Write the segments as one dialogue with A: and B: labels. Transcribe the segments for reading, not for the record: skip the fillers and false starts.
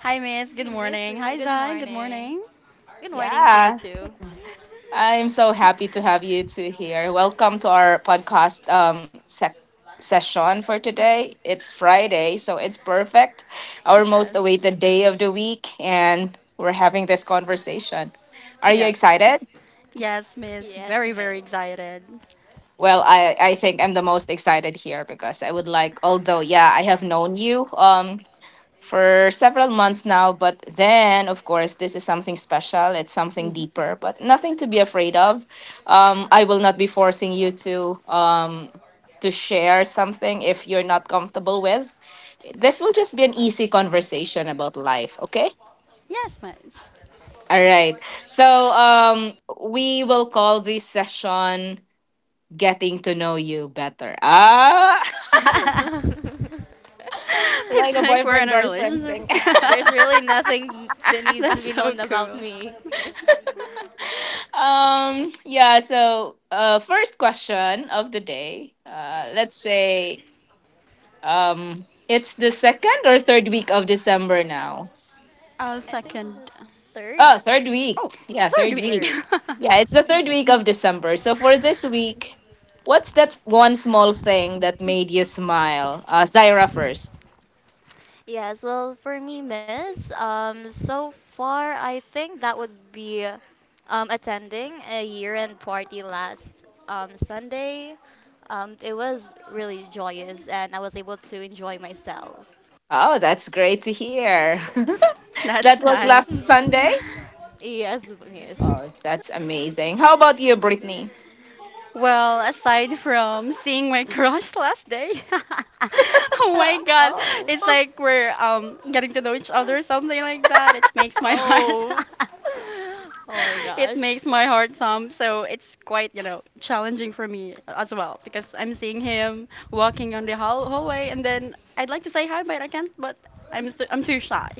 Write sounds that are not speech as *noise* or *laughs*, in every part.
A: Hi, Miss. Good
B: Good
A: morning.
B: miss.
A: Hi,
B: You. Good
A: Zai. Good morning.
B: morning. Good morning to you too.
A: Yes. Yes. Yes, Miss. Very,
B: Yes,
A: very
B: miss.
A: excited. hmm Yes, Miss. *laughs*
B: *laughs*
A: It's like
B: Ye-
A: we're in a relationship.
B: There's really nothing that
A: *laughs*
B: needs to
A: That's
B: be
A: so
B: known
A: cool.
B: about me. *laughs*
A: I'll
B: I think
A: second.
B: this is third.
A: Oh, third week.
B: Third. *laughs* Mm, Yes, well, for me, miss, so far I think that would be attending a year-end party last Sunday. It was really joyous, and I was able to enjoy myself.
A: *laughs* That's nice.
B: *laughs* Yes, yes.
A: Well, aside from seeing my crush last day, *laughs* oh my
B: *laughs*
A: God,
B: Oh.
A: it's
B: *laughs*
A: like we're getting to know each other or something like that. It makes my *laughs* heart
B: Oh. *laughs* Oh my
A: *laughs* it
B: gosh.
A: makes my heart thump. So it's quite, you know, challenging for me as well because I'm seeing him walking on the hallway, and then I'd like to say hi, but I can't, but I'm too shy.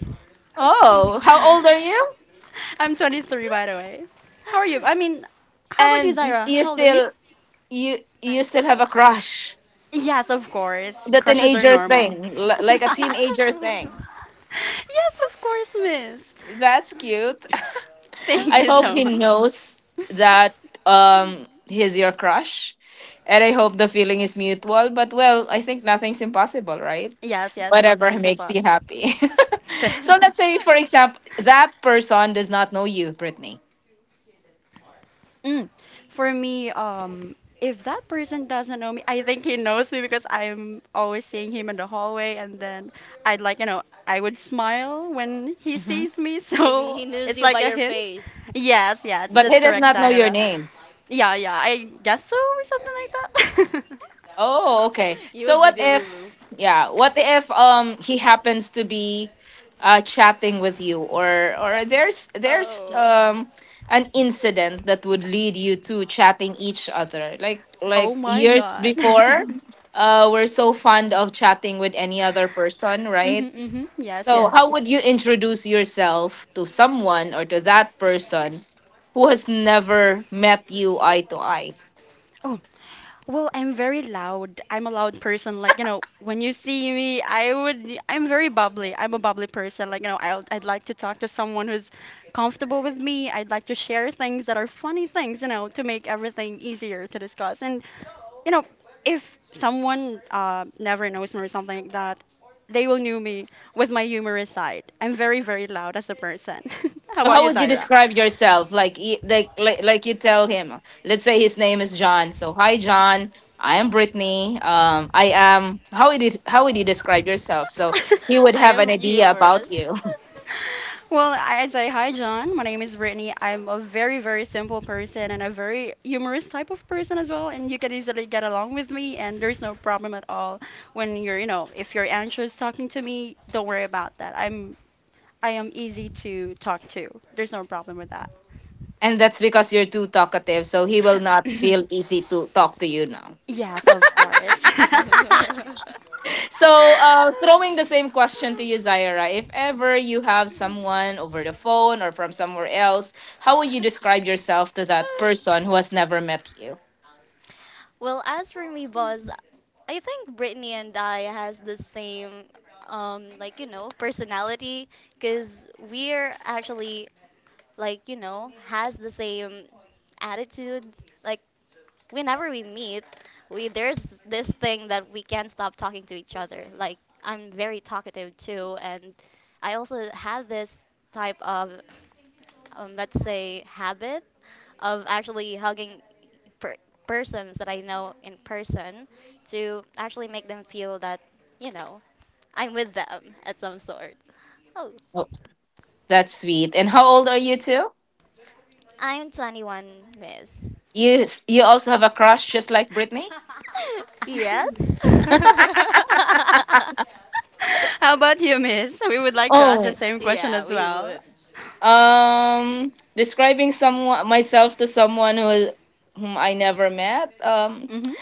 B: *laughs*
A: *laughs* I'm 23, by the way. How are you? I mean, How about you, Zaira? How old are you?
B: I'm 21.
A: Yes, of course. Crushes are normal. *laughs* Yes,
B: *laughs*
A: of course, miss. Thank you so much. Yes, yes, nothing is impossible. *laughs* Mm. For me, if that person doesn't know me, I think he knows me because I'm always seeing him in the hallway, and then I'd like, you know, I would smile when he sees me, *laughs*
B: Maybe
A: so
B: he knows
A: it's
B: you
A: like
B: by
A: a
B: your
A: hint.
B: face.
A: Yes, yes, that's correct, Zaira. Yeah, yeah, I guess so, or something like that. *laughs*
B: *laughs* You would be the Lulu. Oh.
A: Oh my God. *laughs* Mm-hmm, mm-hmm. Yes, yes. Oh, well, I'm very loud. I'm a loud person. Like, you know, when you see me, I'm very bubbly. I'm a bubbly person. Like, you know, I'd like to talk to someone who's comfortable with me. I'd like to share things that are funny things, you know, to make everything easier to discuss. And, you know, if someone never knows me or something like that, they will know me with my humorous side. I'm very, very loud as a person. *laughs* How about you, Zaira?
B: *laughs* I
A: *laughs*
B: am humorous.
A: Well, I'd say hi, John. My name is Brittany. I'm a very, very simple person and a very humorous type of person as well. And you can easily get along with me, and there's no problem at all when you're, you know, if you're anxious talking to me, don't worry about that. I am easy to talk to. There's no problem with that. *laughs* *clears throat* Yes, of course. *laughs*
B: *laughs* Well, as for me, boss, I think Brittany and I has the same, like personality, cause we're actually like has the same attitude like whenever we meet we there's this thing that we can't stop talking to each other. Like, I'm very talkative too. And I also have this type of, let's say, habit of actually hugging per- persons that I know in person to actually make them feel that you know I'm with them at some sort. Oh, I'm 21, miss. *laughs* Yes. *laughs*
A: How about you, Miss? We would like to ask the same question
B: Yeah,
A: as
B: we
A: well.
B: would.
A: Mhm.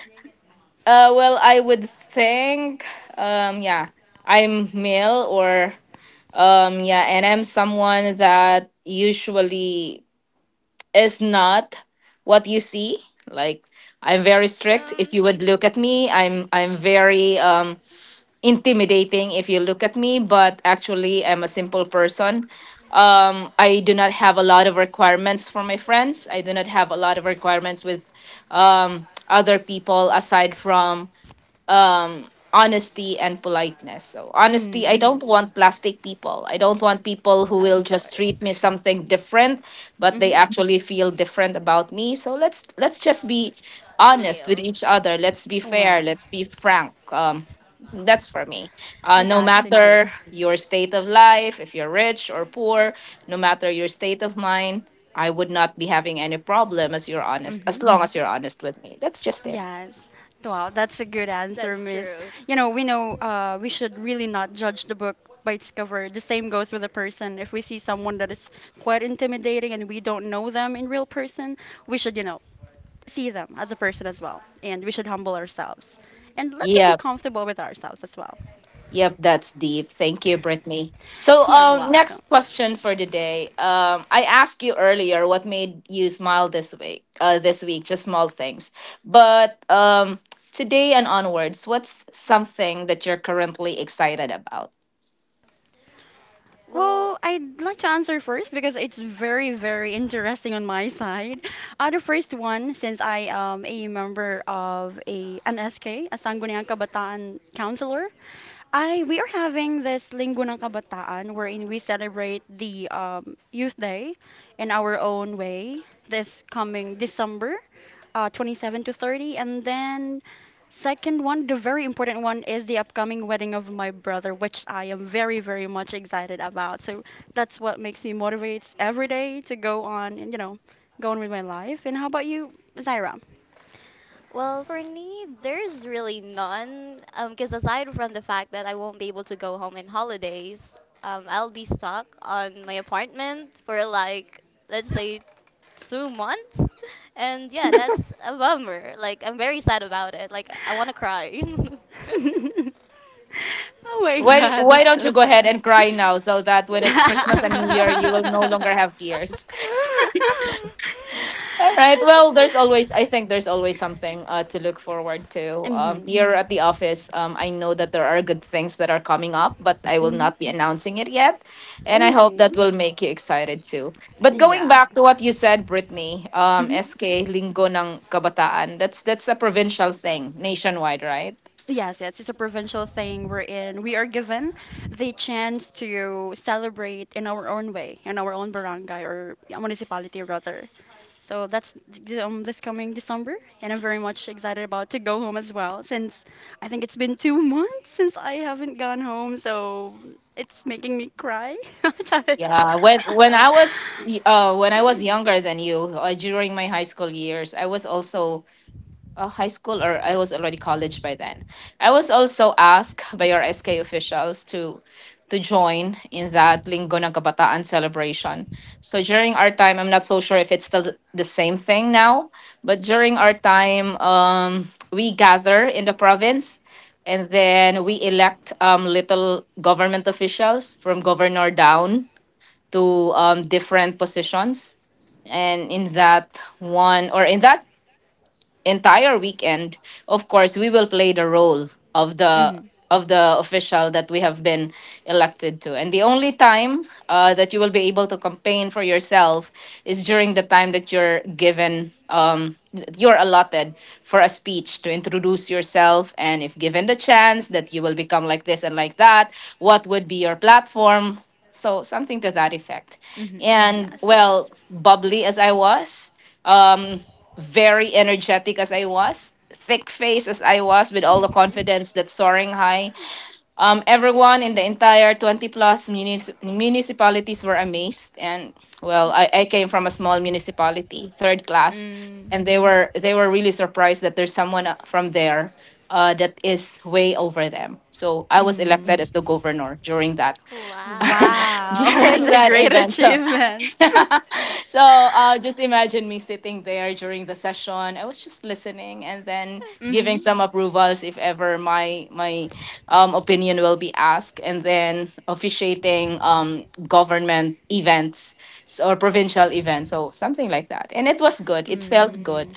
B: Um, no,
A: Mm.
B: of course.
A: Mhm.
B: Hmm Real.
A: Wow. That's a good. Mhm. Yes. Wow, that's a good answer,
B: That's
A: Miss.
B: true.
A: You know we should really not judge the book by its cover. The same goes with a person. If we see someone that is quite intimidating and we don't know them in real person, we should, you know, see them as a person as well, and we should humble ourselves and let them be comfortable with ourselves as well. *laughs* You're welcome. Well,
B: Well,
A: I'd like to answer first because it's very, very interesting on my side. The first one, since I am a member of a an SK, Sangguniang Kabataan counselor, I we are having this Linggo ng Kabataan wherein we celebrate the Youth Day in our own way this coming December, 27 to 30, and then. Second one, the very important one, is the upcoming wedding of my brother, which I am very, very much excited about. So that's what makes me motivates every day to go on and, you know, go on with my life. And how about you, Zaira?
B: well, for me, there's really none. Because aside from the fact that I won't be able to go home in holidays, I'll be stuck on my apartment for, like, let's say, 2 months. *laughs* And yeah, that's a bummer. Like, I'm very sad about it. Like, I want to cry. *laughs*
A: *laughs* Oh my God, that's so sad. *laughs* Mm-hmm. Mm-hmm. Ooh, yeah. Mm-hmm. Yes, yes, it's a provincial thing. We're in, we are given the chance to celebrate in our own way, in our own barangay or municipality rather. So that's this coming December, and I'm very much excited about to go home as well since I think it's been 2 months since I haven't gone home, so it's making me cry. *laughs* Mm-hmm,
B: Uh,
A: hmm *laughs* yes, yes. Mm. Mm.
B: Wow.
A: Wow, *laughs* what a
B: *laughs* *laughs*
A: great achievement. *laughs* Mm-hmm.
B: *laughs*
A: Mm,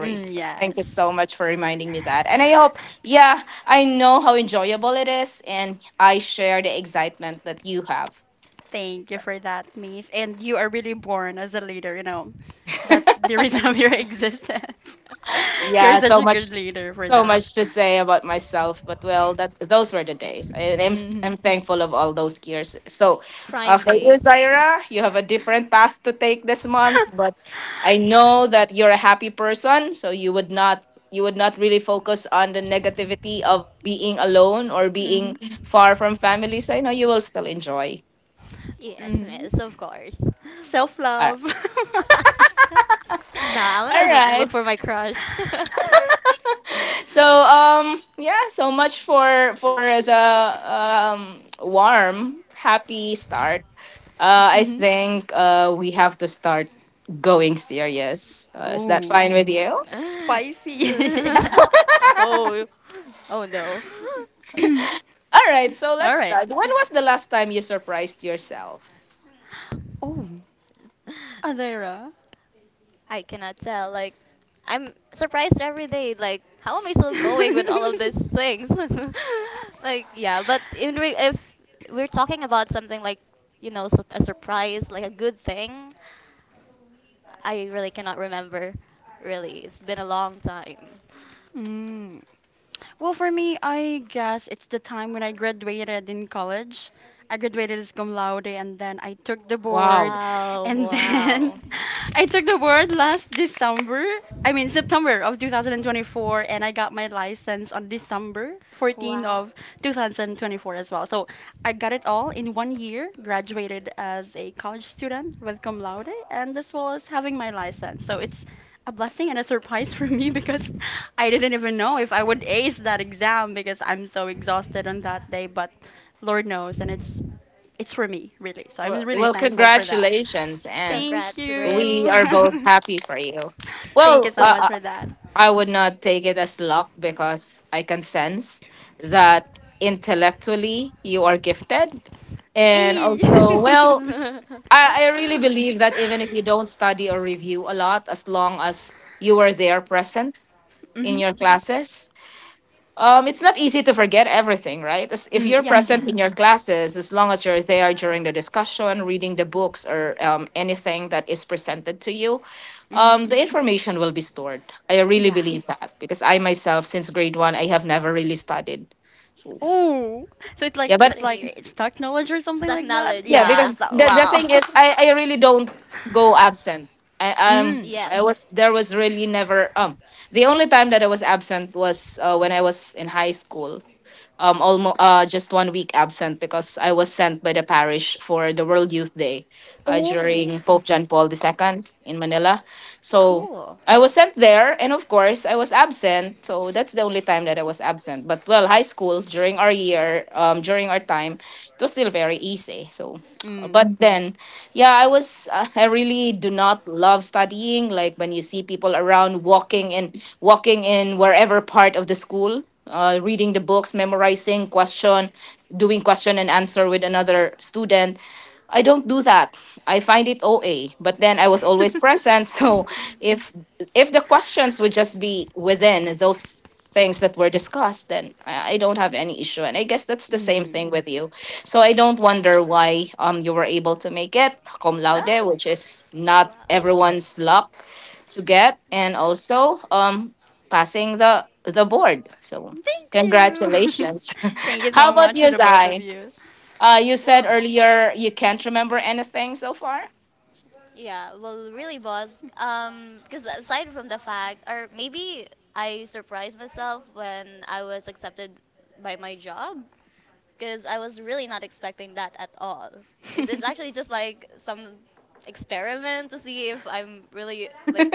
A: mm, yes. Thank you for that, Miss. And you are really born as a leader, you know. That's
B: *laughs*
A: the reason of your *laughs* existence. *laughs* You're
B: *laughs* the- *laughs*
A: such a good leader for that. Mm-hmm.
B: Prime days.
A: *laughs* Mm-hmm.
B: Yes,
A: Mm-hmm.
B: miss, of course. So,
A: Self
B: *laughs*
A: love. *laughs*
B: Nah, I'm gonna look for my crush. *laughs*
A: hmm
B: Oh,
A: Ooh,
B: ooh.
A: spicy. *laughs* Yeah.
B: *laughs* *laughs* Oh, oh no.
A: *clears throat* All right. Oh,
B: *laughs*
A: Adira.
B: I cannot tell. Like, I'm surprised every day. Like, how am I still going with all of these things? *laughs* Like, yeah, but if we're talking about something like, you know, a surprise, like a good thing, I really cannot remember. Really, it's been a long time.
A: Mm. Well, for me, I guess it's the time when I graduated in college. I graduated as cum laude and then I took the board
B: Oh,
A: and then
B: wow.
A: *laughs* I took the board last December, I mean September of 2024, and I got my license on December 14
B: Wow.
A: of 2024 as well. So I got it all in one year, graduated as a college student with cum laude and as well as having my license. So it's a blessing and a surprise *laughs* for me because
B: *laughs*
A: *laughs* I didn't even know if I would ace that exam because I'm so exhausted on that day, but Lord knows, and it's for me, really. So I'm really thankful for that. Thank
B: Congrats,
A: you. *laughs* Thank you so much for that. Eee. *laughs*
B: *laughs*
A: Mhm. Mm, yes, yes. Mhm. Yeah. Oh, so it's like it's stock knowledge or something like that.
B: knowledge,
A: Yeah,
B: yeah.
A: it's that. Wow. *laughs*
B: *laughs*
A: Mm.
B: Yes.
A: Oh, cool. Mm. *laughs*
B: *laughs*
A: Mm. Ah,
B: Wow. Yeah.
A: thank you. *laughs* Thank you so much to the both of you.
B: Well, yeah, well, really, boss. Because aside from the fact, or maybe I surprised myself when I was accepted by my job, because I was really not expecting that at all. Is it's actually
A: *laughs*
B: just like some experiment to see if I'm really like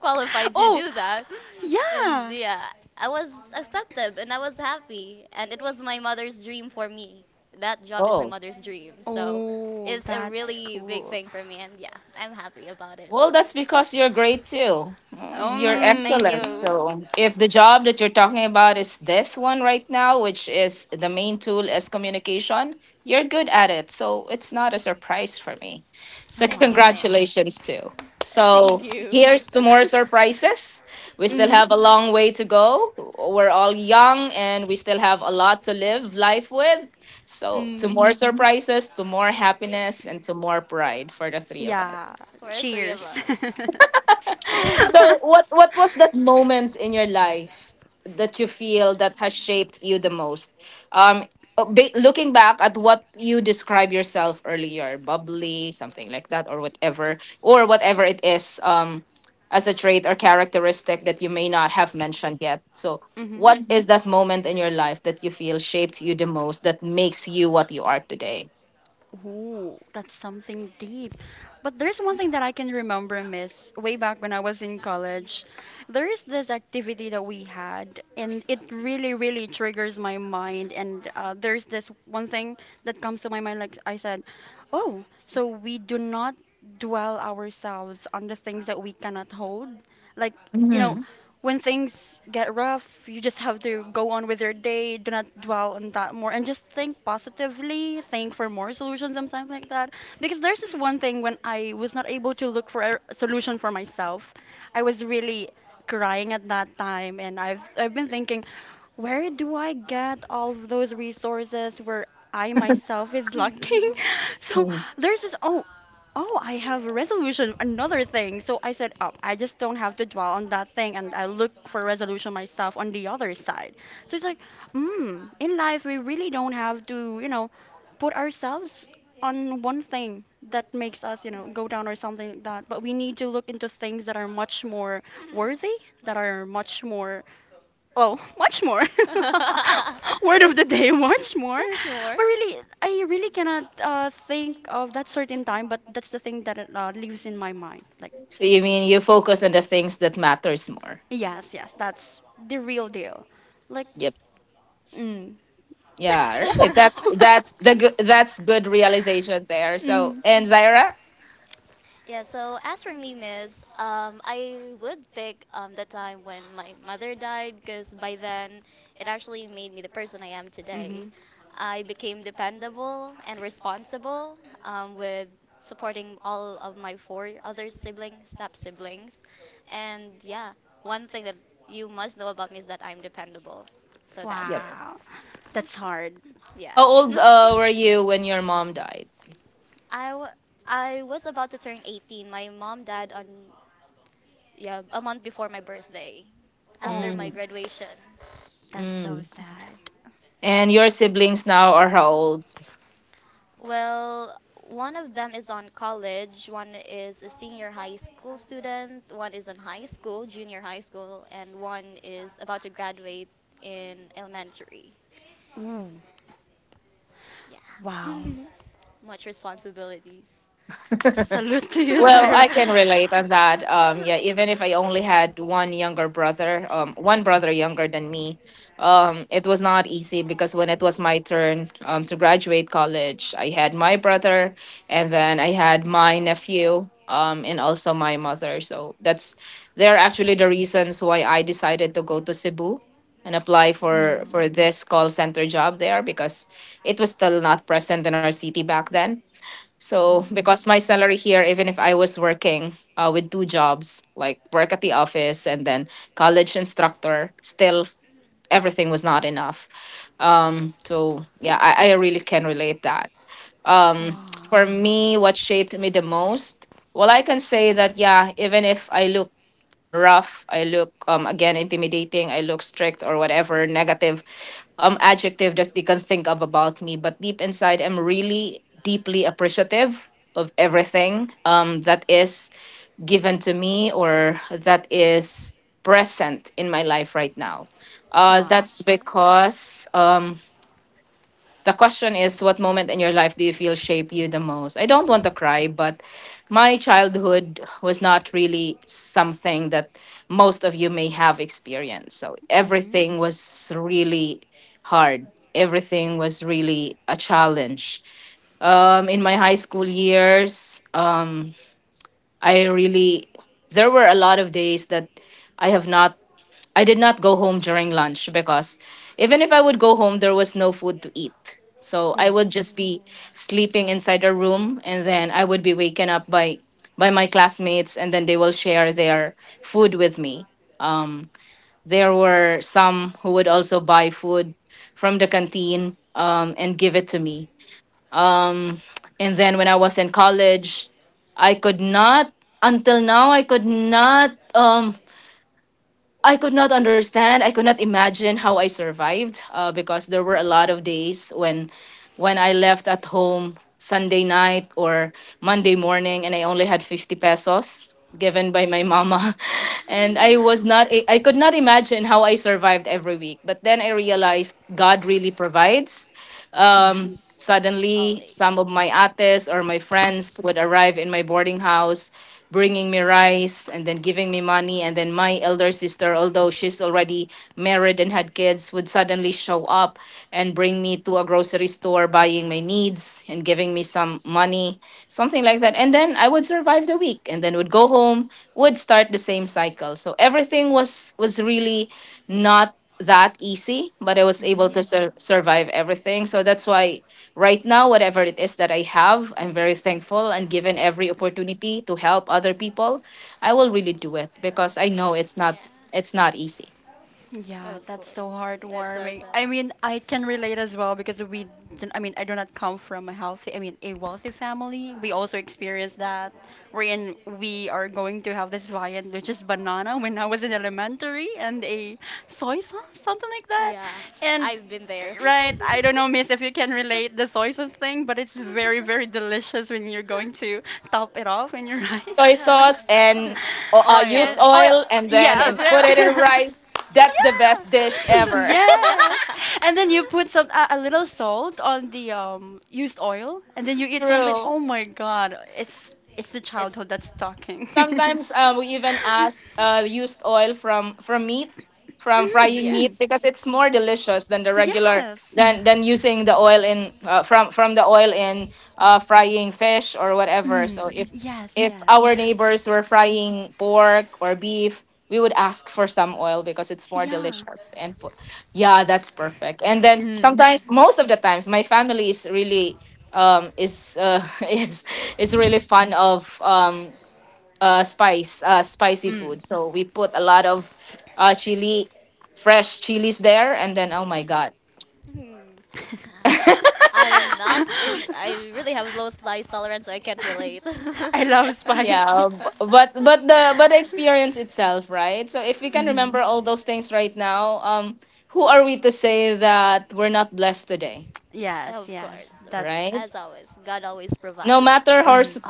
B: qualified to
A: Oh,
B: do that. *laughs* And
A: yeah.
B: yeah, I was accepted and I was happy and it was my mother's dream for me. That job is my mother's dream. So
A: Oh,
B: it's a
A: that's
B: really big
A: cool.
B: thing for me and yeah, I'm happy about it. No, thank
A: Um,
B: you. Thank you, miss.
A: wow.
B: *laughs* Thank you.
A: *laughs* Mhm.
B: *laughs*
A: Mm, yeah.
B: For the three of
A: Cheers.
B: us.
A: *laughs*
B: *laughs*
A: Mhm. Ooh, that's something deep. But there's one thing that I can remember, Miss, way back when I was in college. There is this activity that we had, and it really, really triggers my mind. And there's this one thing that comes to my mind, like I said, oh, so we do not dwell ourselves on the things that we cannot hold. Like, you know, when things get rough, you just have to go on with your day. Do not dwell on that more and just think positively, think for more solutions and something like that. Because there's this one thing when I was not able to look for a solution for myself, I was really crying at that time and I've been thinking where do I get all of those resources where I myself is lacking?
B: *laughs*
A: *laughs* So there's this oh, I have a resolution, another thing. So I said, oh, I just don't have to dwell on that thing and I look for resolution myself on the other side. So it's like, mm, in life, we really don't have to, you know, put ourselves on one thing that makes us, you know, go down or something like that. But we need to look into things that are much more worthy, that are much more Oh, much more. *laughs*
B: Oh.
A: Word of the day, *laughs* much more.
B: *laughs* *laughs* More.
A: But really, I really cannot think of that certain time, but that's the thing that lives in my mind. Like, it, yes, yes, that's the real deal. Like, mm.
B: Much
A: *laughs*
B: more. *laughs*
A: Mm.
B: Yeah, so as for me, miss, I would pick, the time when my mother died, because by then it actually made me the person I am today.
A: hmm
B: I became dependable and responsible, with supporting all of my four other siblings, step siblings. And yeah, one thing that you must know about me is that I'm dependable. So that's it.
A: Wow, that's hard.
B: Yeah. *laughs* I, w- I was about to turn 18. My mom died on, yeah, a month before my birthday, after
A: Oh,
B: my graduation.
A: that's so sad.
B: Well, one of them is on college, one is a senior high school student, one is in high school, junior high school, and one is about to graduate in elementary.
A: Ooh, wow.
B: Yeah. *laughs* Much responsibilities.
A: Salute to you, Zaira.
B: *laughs*
A: Mm.
B: Mm,
A: Mm-hmm.
B: mm.
A: Wow. Wow.
B: Yeah. Oh,
A: Mm-hmm.
B: yeah.
A: Oh.
B: Mm. *gasps*
A: Mm-hmm.
B: Yes, always.
A: Mm-hmm.
B: Yes. Yeah,
A: Yeah,
B: of
A: that's
B: course.
A: so
B: That's so
A: heartwarming.
B: sad.
A: I mean, I can relate as well because we, didn't- I mean, I do not come from a I mean, a wealthy family. We also experienced that. We are going to have this viand, which is banana when I was in elementary, and a soy sauce, something like that.
B: Yeah,
A: And,
B: I've been there.
A: right, I don't
B: *laughs*
A: know, miss, if you can relate the soy sauce thing, but it's very, very delicious when you're going to top it off in your rice.
B: It's *laughs*
A: *laughs* And,
B: oil.
A: oh, yeah, very. *laughs* Yeah. *laughs* Yes. And then you put
B: *laughs*
A: some a little salt on the used oil and then you eat something. Oh my God. It's
B: *laughs*
A: the
B: it's
A: childhood that's talking. *laughs* Mm, mm.
B: Yes.
A: Yes. Mm, yes, yes. Yeah. Mm, mm. *laughs*
B: I'm not is I really have low slice tolerance, so I can't relate.
A: I
B: *laughs*
A: love spicy. *laughs* hmm Yes,
B: Of
A: yes.
B: course. So,
A: That's.
B: as always, God always provides.
A: Mm.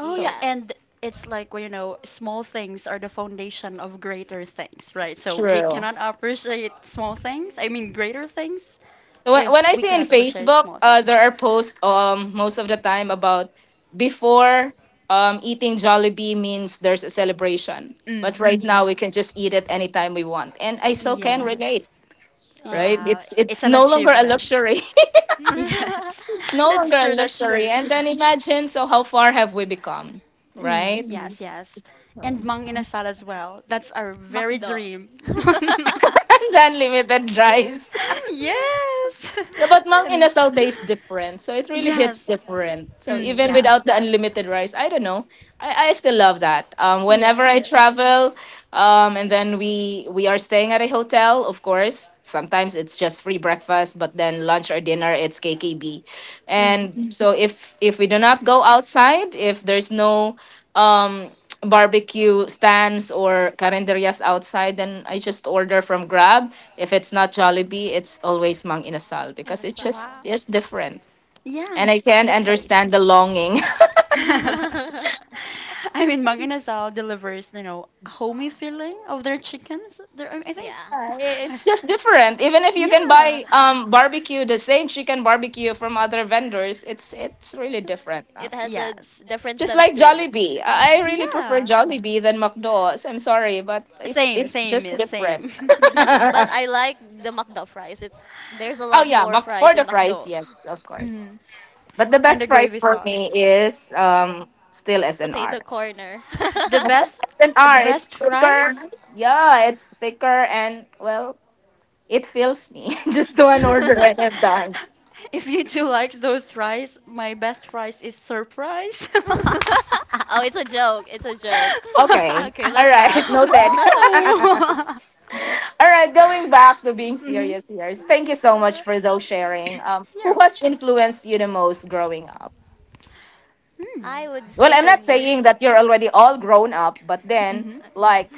A: Oh, yeah.
B: Yes.
A: And it's like, well, you know, small things are the foundation of greater things, right? So we cannot appreciate small things, I mean, greater things, if we cannot appreciate small things. Mm.
B: Yeah. Yes.
A: Yes.
B: Um.
A: Yeah. It's an achievement. *laughs* Yes. That's true. That's true.
B: *laughs*
A: Mm, yes, yes. And Mang Inasal as well. That's our very
B: McDo.
A: dream. *laughs* *laughs*
B: Yeah.
A: Yes. *laughs* And yes. Mm, yeah. Yes, yes. Mm.
B: *laughs* Ay, nasal.
A: Wow. Yeah, the taste. *laughs* I mean,
B: *laughs*
A: Manganasal delivers, you know, a homey feeling of their chickens. I think,
B: Yeah.
A: *laughs* I-
B: It's,
A: yeah,
B: n- it has a
A: yes,
B: different sense to it.
A: yeah. Same, same, miss, same. *laughs*
B: Just, but I like the McDo fries. It's there's a lot more fries in McDo.
A: Mhm. And the
B: Yeah.
A: gravy sauce.
B: Potato corner.
A: *laughs* The
B: *laughs*
A: best, the best fries? *laughs* If you two likes those fries, my best fries is surprise. *laughs*
B: Oh, it's a joke. It's a joke. Okay, let's laugh. *laughs*
A: Oh. *laughs* Mhm. Yeah. Hmm.
B: I would say for me,
A: Mm-hmm. *laughs*
B: uh, hmm.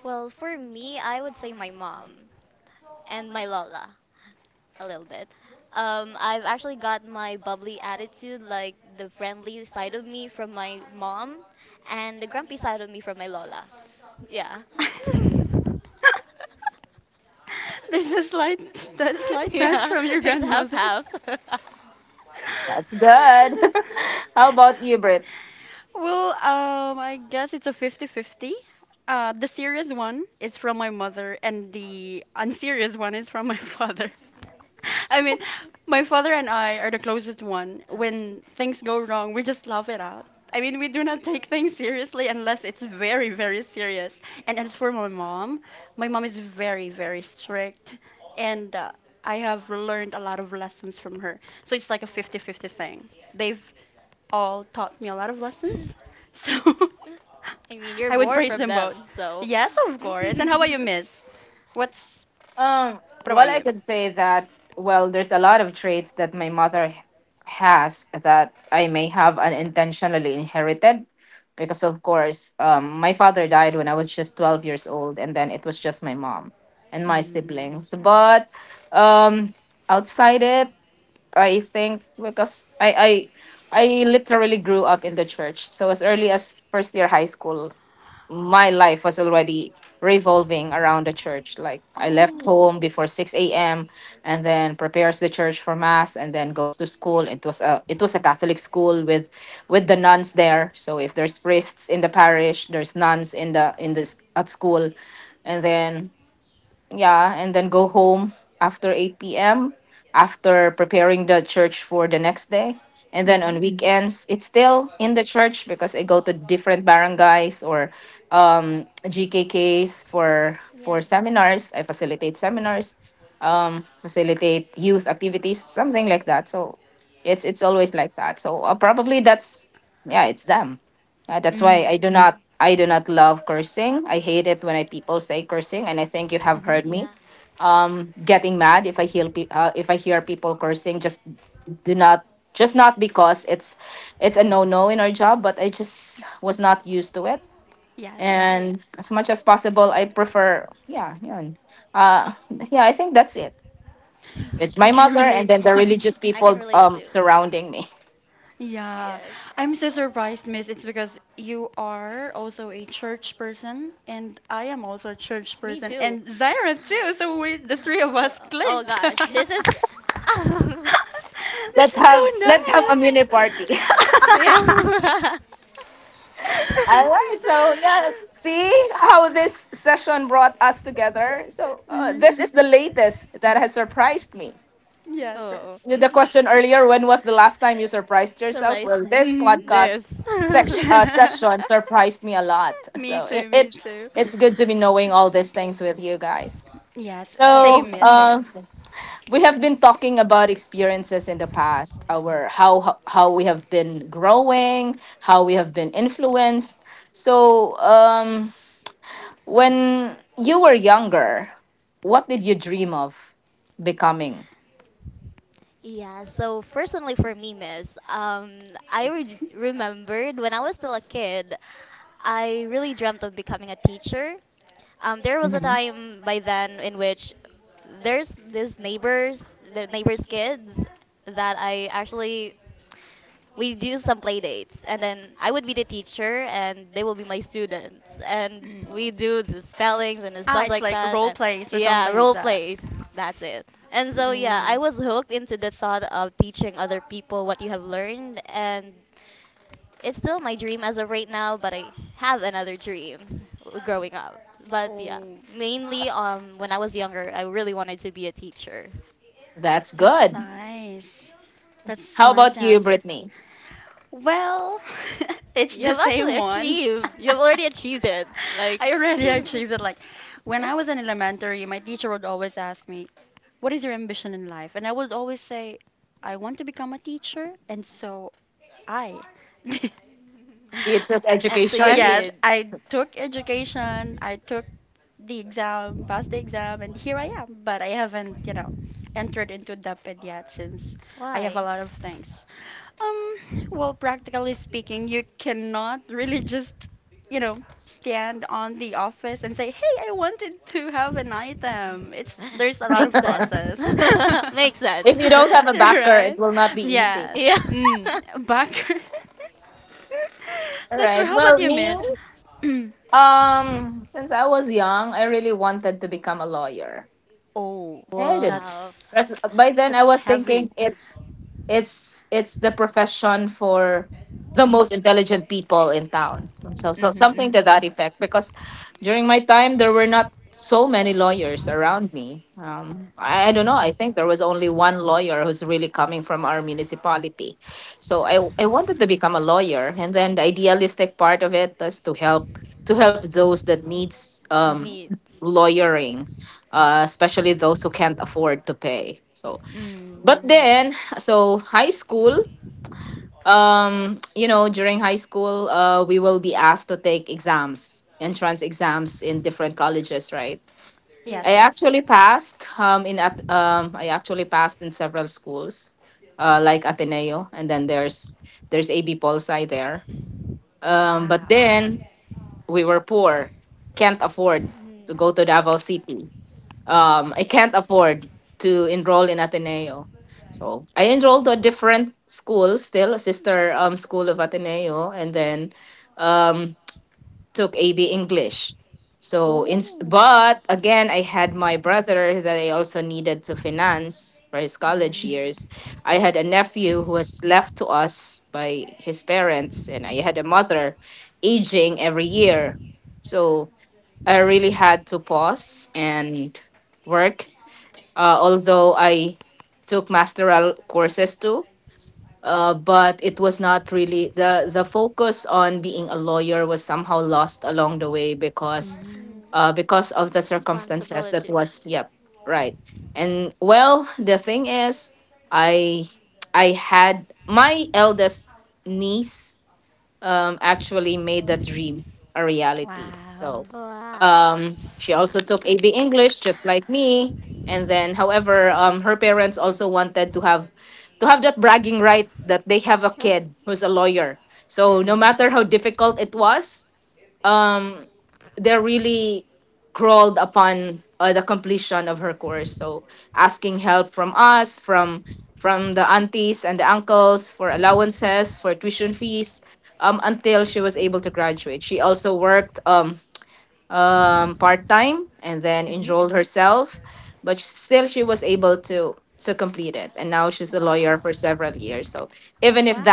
B: well, for me, I would say my mom and my lola a little bit. I've actually got my bubbly attitude, like the friendly side of me from my mom, and the grumpy side of me from my lola. Yeah. *laughs*
A: There's a slight that slight touch
B: Yeah,
A: from your
B: *laughs* like half
A: grandmother.
B: half.
A: *laughs*
B: *laughs*
A: Well, I guess it's a 50-50. The serious one is from my mother, and the unserious one is from my *laughs* father. I mean, my father and I are the closest one. When things go wrong, we just laugh it out. I mean, we do not take things seriously unless it's very, very serious. And as for my mom is very, very strict, and I have learned a lot of lessons from her. So it's like a fifty-fifty thing. They've all taught me a lot of lessons. So *laughs*
B: I mean,
A: *laughs*
B: you're
A: I would
B: born
A: praise
B: from
A: them both.
B: them, so.
A: Yes, of
B: *laughs*
A: course. And how about you, Miss? What's what about you? Mm. Oh. Mhm.
B: Yeah.
A: Mhm.
B: Mhm.
A: Mhm.
B: Yeah.
A: Yes, yes.
B: Yes.
A: I can relate much. *laughs*
B: *laughs* I can relate too.
A: Yeah,
B: Yeah.
A: I'm so surprised, Miss. It's because you are also a church person, and I am also a church
B: Me
A: person,
B: too.
A: and Zaira too. So we, the three of us,
B: Oh, *laughs* oh
A: clicked.
B: gosh, this
A: *laughs*
B: is. *laughs*
A: This is so nice.
B: Yeah.
A: *laughs*
B: *laughs*
A: Mhm. Yes, yes.
B: Oh. Mhm. The
A: Mhm.
B: This. *laughs*
A: *laughs* Me too, me too. Yes,
B: Yes,
A: same, miss,
B: ma'am.
A: same.
B: Yeah, so personally for me, miss, I remembered when I was still a kid, I really dreamt of becoming a teacher. There was a time by then in which there's this neighbors, the neighbors' kids that I actually we do some play dates, and then I would be the teacher and they will be my students and we do the spellings and the stuff
A: It's
B: like
A: like that,
B: that.
A: role
B: And
A: plays.
B: yeah, role plays, that's it. And so yeah, I was hooked into the thought of teaching other people what you have learned. And it's still my dream as of right now, but I have another dream growing up. But yeah, mainly, when I was younger, I really wanted to be a teacher.
A: That's nice. That's a nice answer. Well, *laughs* it's the
B: *laughs*
A: same
B: Something that
A: one. *laughs* I
B: achieved. You have already achieved it. Like.
A: already
B: *laughs*
A: achieved it. Like when I was in elementary, my teacher would always ask me, "What is your ambition in life?" And I would always say, "I want to become a teacher." And so I *laughs*
B: Teacher, *laughs* and so you
A: yes, I took education. I took the exam, passed the exam, and here I am. But I haven't, entered into DepEd yet since I have a
B: Why?
A: lot of things. Um, well, practically speaking, you cannot really just, stand on the office and say, "Hey, I wanted to have an item." It's there's a
B: *laughs*
A: lot
B: Makes
A: of
B: sense. *laughs*
A: process.
B: photos,
A: *laughs*
B: makes sense. *laughs* *laughs*
A: Right? Yes.
B: Yeah. *laughs*
A: Mm,
B: Mm.
A: back. *laughs*
B: *laughs*
A: That's right. How about you, Miss? *clears throat* Oh, that's
B: Wow.
A: That's heavy. Mhm.
B: Mhm.
A: Mhm.
B: Needs. Yeah.
A: Mm. Yes,
B: Yes.
A: yes. Wow.
B: Mhm. Yeah.
A: Ooh. Mm. Mm.
B: Mm. Responsibilities.
A: Wow.
B: Wow. Oh,
A: Mm. Mhm. Wow. Wow.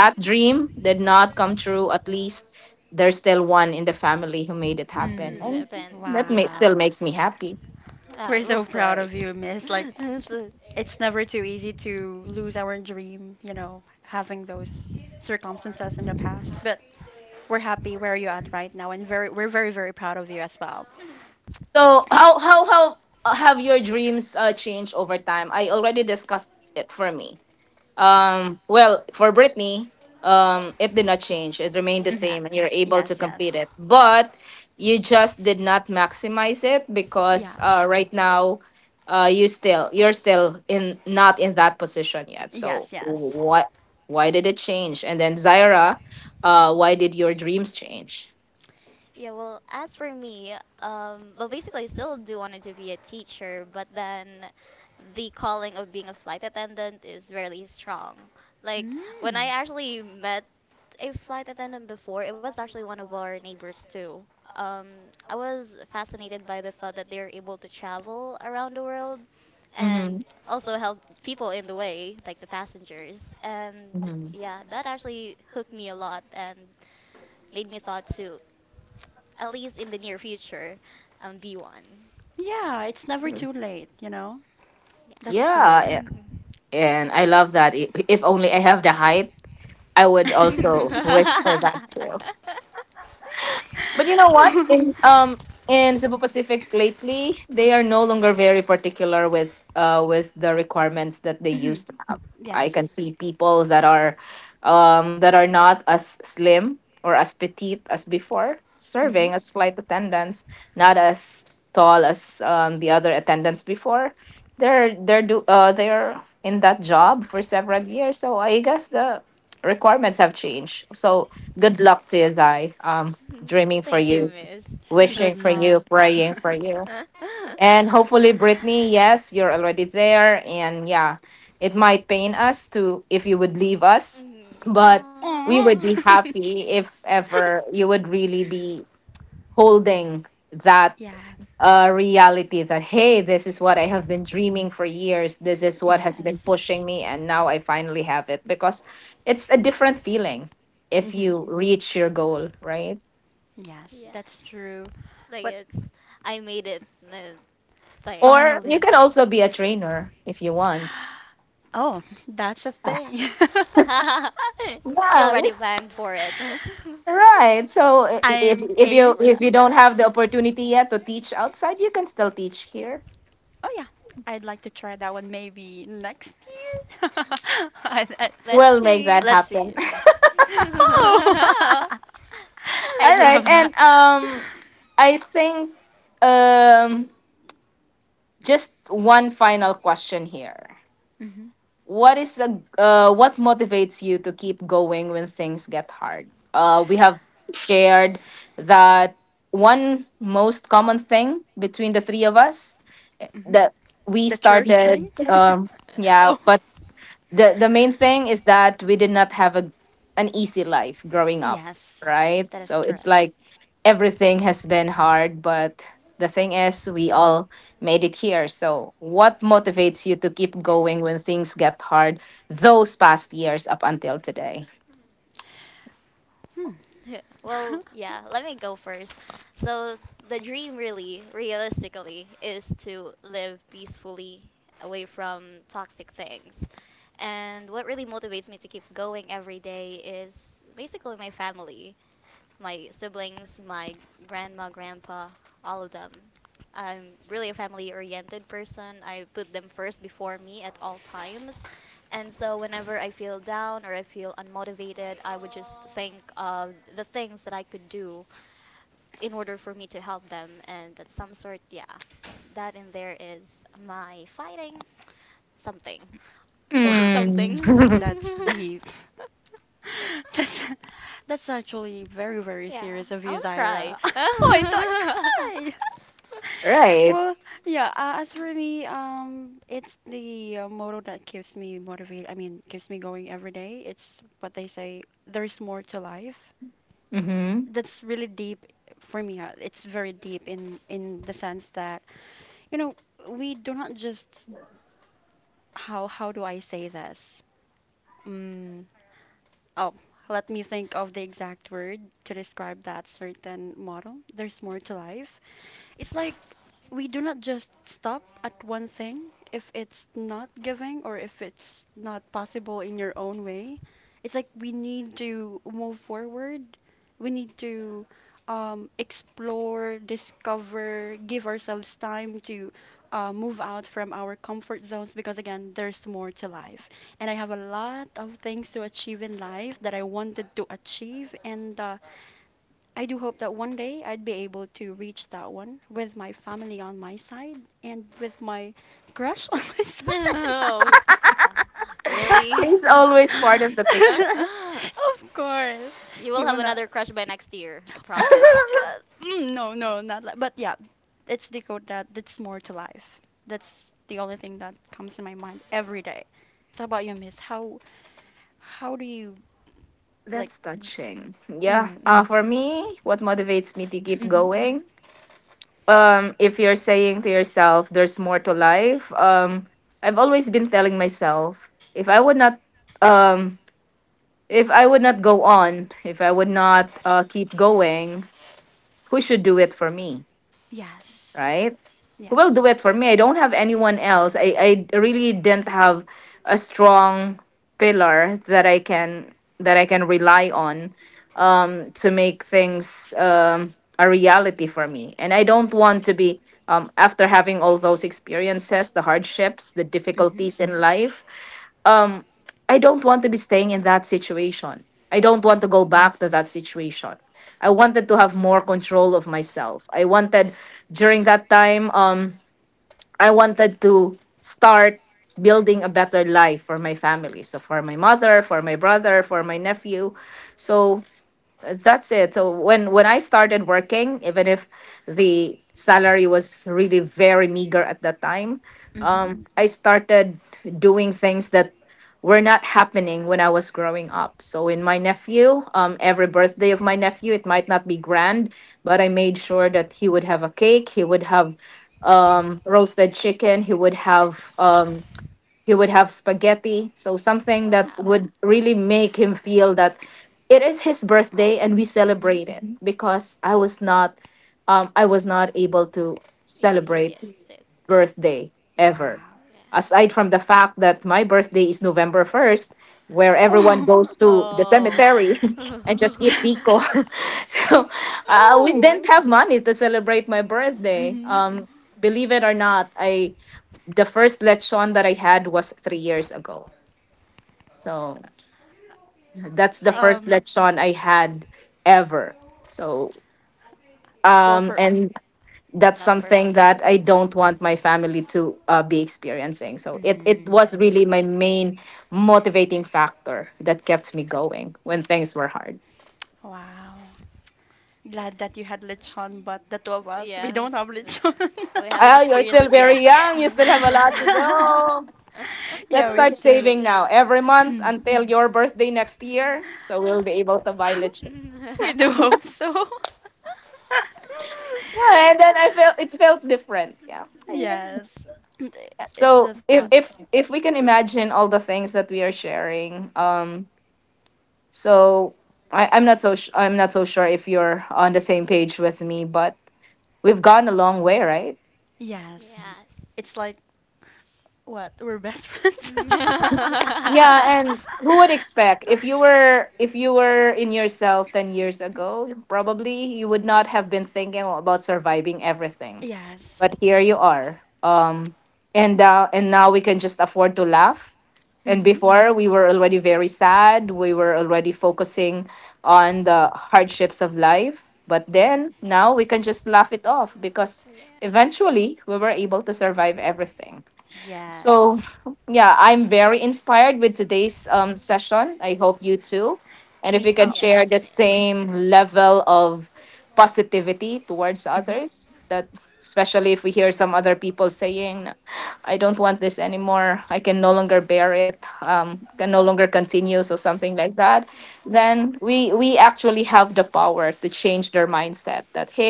A: Mm.
B: depends. Yeah.
A: Wow. We're so
B: Of
A: proud of
B: course.
A: you, miss. Like,
B: *laughs* Growth, okay? So,
A: it's never too easy to lose our dream, you know, having those circumstances in the past. But we're happy where you're at right now, and very, we're very, very proud of you as well.
B: yeah.
A: Mhm.
B: Yeah.
A: Yes, yes. Yeah. Yes, yes.
B: Yeah, well, as for me, well, basically, I still do wanted to be a teacher, but then the calling of being a flight attendant is really strong. Like,
A: Mm.
B: when I actually met a flight attendant before, it was actually one of our neighbors, too. Um, I was fascinated by the thought that they're able to travel around the world and also help people in the way, like the passengers. And yeah, that actually hooked me a lot and made me thought to, at least in the near future, be one.
A: Yeah, it's never too late, you know? That's cool.
B: Yeah.
A: *laughs*
B: Mhm. *laughs*
A: Mhm. Yes. Hmm.
B: Gee. Mhm. Thank you, miss. *laughs*
A: Good luck. *laughs*
B: Mhm.
A: Aw. *laughs*
B: Aw. *laughs*
A: Yeah, yes. Hmm. Yes, that's
B: Yes.
A: true.
B: Like
A: But
B: it's, I made it, uh, thing.
A: finally, *gasps* oh, that's a thing. *laughs*
B: *laughs* She already planned for it. *laughs*
A: I'm aiming for that. Oh yeah, I'd like to try that one maybe next year. *laughs* I, I,
B: Let's see. *laughs*
A: let's see.
B: *laughs*
A: Oh, *laughs* I'd love that. Hmm. Hmm. The church thing. *laughs* Oh, yes, that is correct. Hmm.
B: Well,
A: *laughs*
B: yeah, let me go first. So, the dream really, realistically, is to live peacefully away from toxic things. And what really motivates me to keep going every day is basically my family. My siblings, my grandma, grandpa, all of them. I'm really a family oriented person. I put them first before me at all times. And so whenever I feel down or I feel unmotivated, I would just think of the things that I could do in order for me to help them. And that some sort, yeah, that in there is my fighting something.
A: Wow,
B: Fighting
A: that's
B: something. *laughs*
A: deep. *laughs* That's that's actually very, very
B: Yeah,
A: serious of
B: I
A: you,
B: want to cry.
A: Zaira. *laughs* Oh, don't cry? Well, yeah. As for me, it's the motto that keeps me motivated. I mean, keeps me going every day. It's what they say. There's more to life. That's really deep for me. It's very deep in the sense that you know we do not just how do I say this? Mm. Oh, let me think of the exact word to describe that certain model. There's more to life. It's like we do not just stop at one thing if it's not giving or if it's not possible in your own way. It's like we need to move forward. We need to explore, discover, give ourselves time to move out from our comfort zones because, again, there's more to life and I have a lot of things to achieve in life that I wanted to achieve, and I do hope that one day I'd be able to reach that one with my family on my side and with my crush *laughs* on my
B: *laughs*
A: side.
B: No, uh, really? *laughs* You, *laughs*
A: *laughs* Of course.
B: you
A: He
B: will have
A: will not.
B: another crush by next year, I
A: Oh
B: promise.
A: my god. Mm, no, no, not like. But yeah, it's the code that that's more to life. That's the only thing that comes in my mind every day. So how about you, Miss? How do you like? Mm, *clears throat* hmm. Yes. Yes. Mhm. Mm. Mhm.
B: Wow,
A: Mhm.
B: experience it.
A: Wow.
B: Yeah.
A: Oh.
B: Oh.
A: *laughs*
B: *laughs*
A: That- oh. Mhm.
B: I
A: Um. Well, for.
B: no for me too.
A: Mm. Wow.
B: Yeah.
A: Glad that you had lechon, but the two of us, we
B: Yeah.
A: don't have
B: s-
A: lechon.
B: *laughs* We haven't experienced it yet. *laughs*
A: *laughs* Yeah, we still. *clears throat* *laughs* We do hope so. *laughs* Yes. Th- it's the thought that, yes.
B: Yes.
A: It's like, what? We're best friends? *laughs* Yes. Mm-hmm. Yes.
B: *laughs* Yeah.
A: Yes. Me up.
B: Yes, miss.
A: Mm-hmm.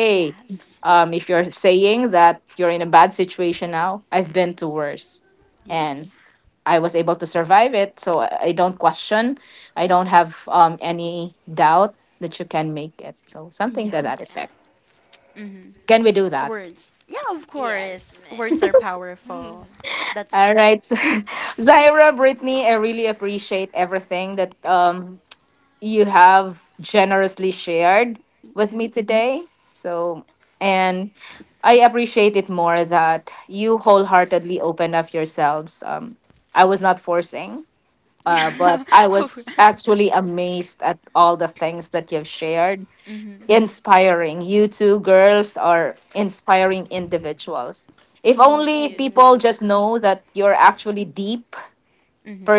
A: Yes. Yes.
B: Yeah.
A: Yes. Mm-hmm. Words.
B: Yeah.
A: Yeah, of course.
B: Yes,
A: Words are
B: miss.
A: powerful. That's. Hmm. Yeah. *laughs* Of-
B: *laughs*
A: hmm.
B: *laughs*
A: Thank
B: You too,
A: you.
B: boss.
A: Hmm.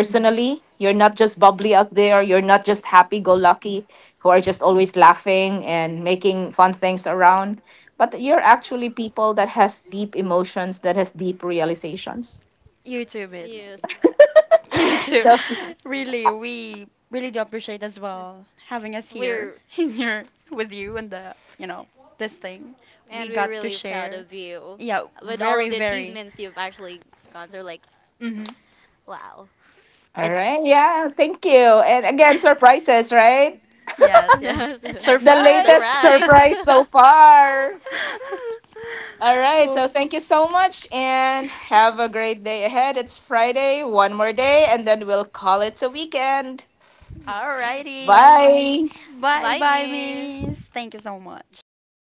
A: YouTube is.
B: Yes.
A: You too.
B: *laughs*
A: *laughs* Really, we really do appreciate as well having us here,
B: We're
A: *laughs* in here with you and the, you know, this thing. We
B: and we're
A: got to
B: really proud
A: share.
B: of you
A: Yeah,
B: with all of
A: very,
B: the
A: very.
B: achievements you've actually gone through. Like,
A: Hmm.
B: wow.
A: It's. *laughs* Yes, yes.
B: *laughs*
A: Surprise!
B: Surprise.
A: *laughs*
B: *laughs*
A: *laughs* Oh.
B: *laughs* Alrighty.
A: Alrighty.
B: Bye,
A: Bye
B: bye,
A: bye,
B: miss.
A: miss. Thank you so much.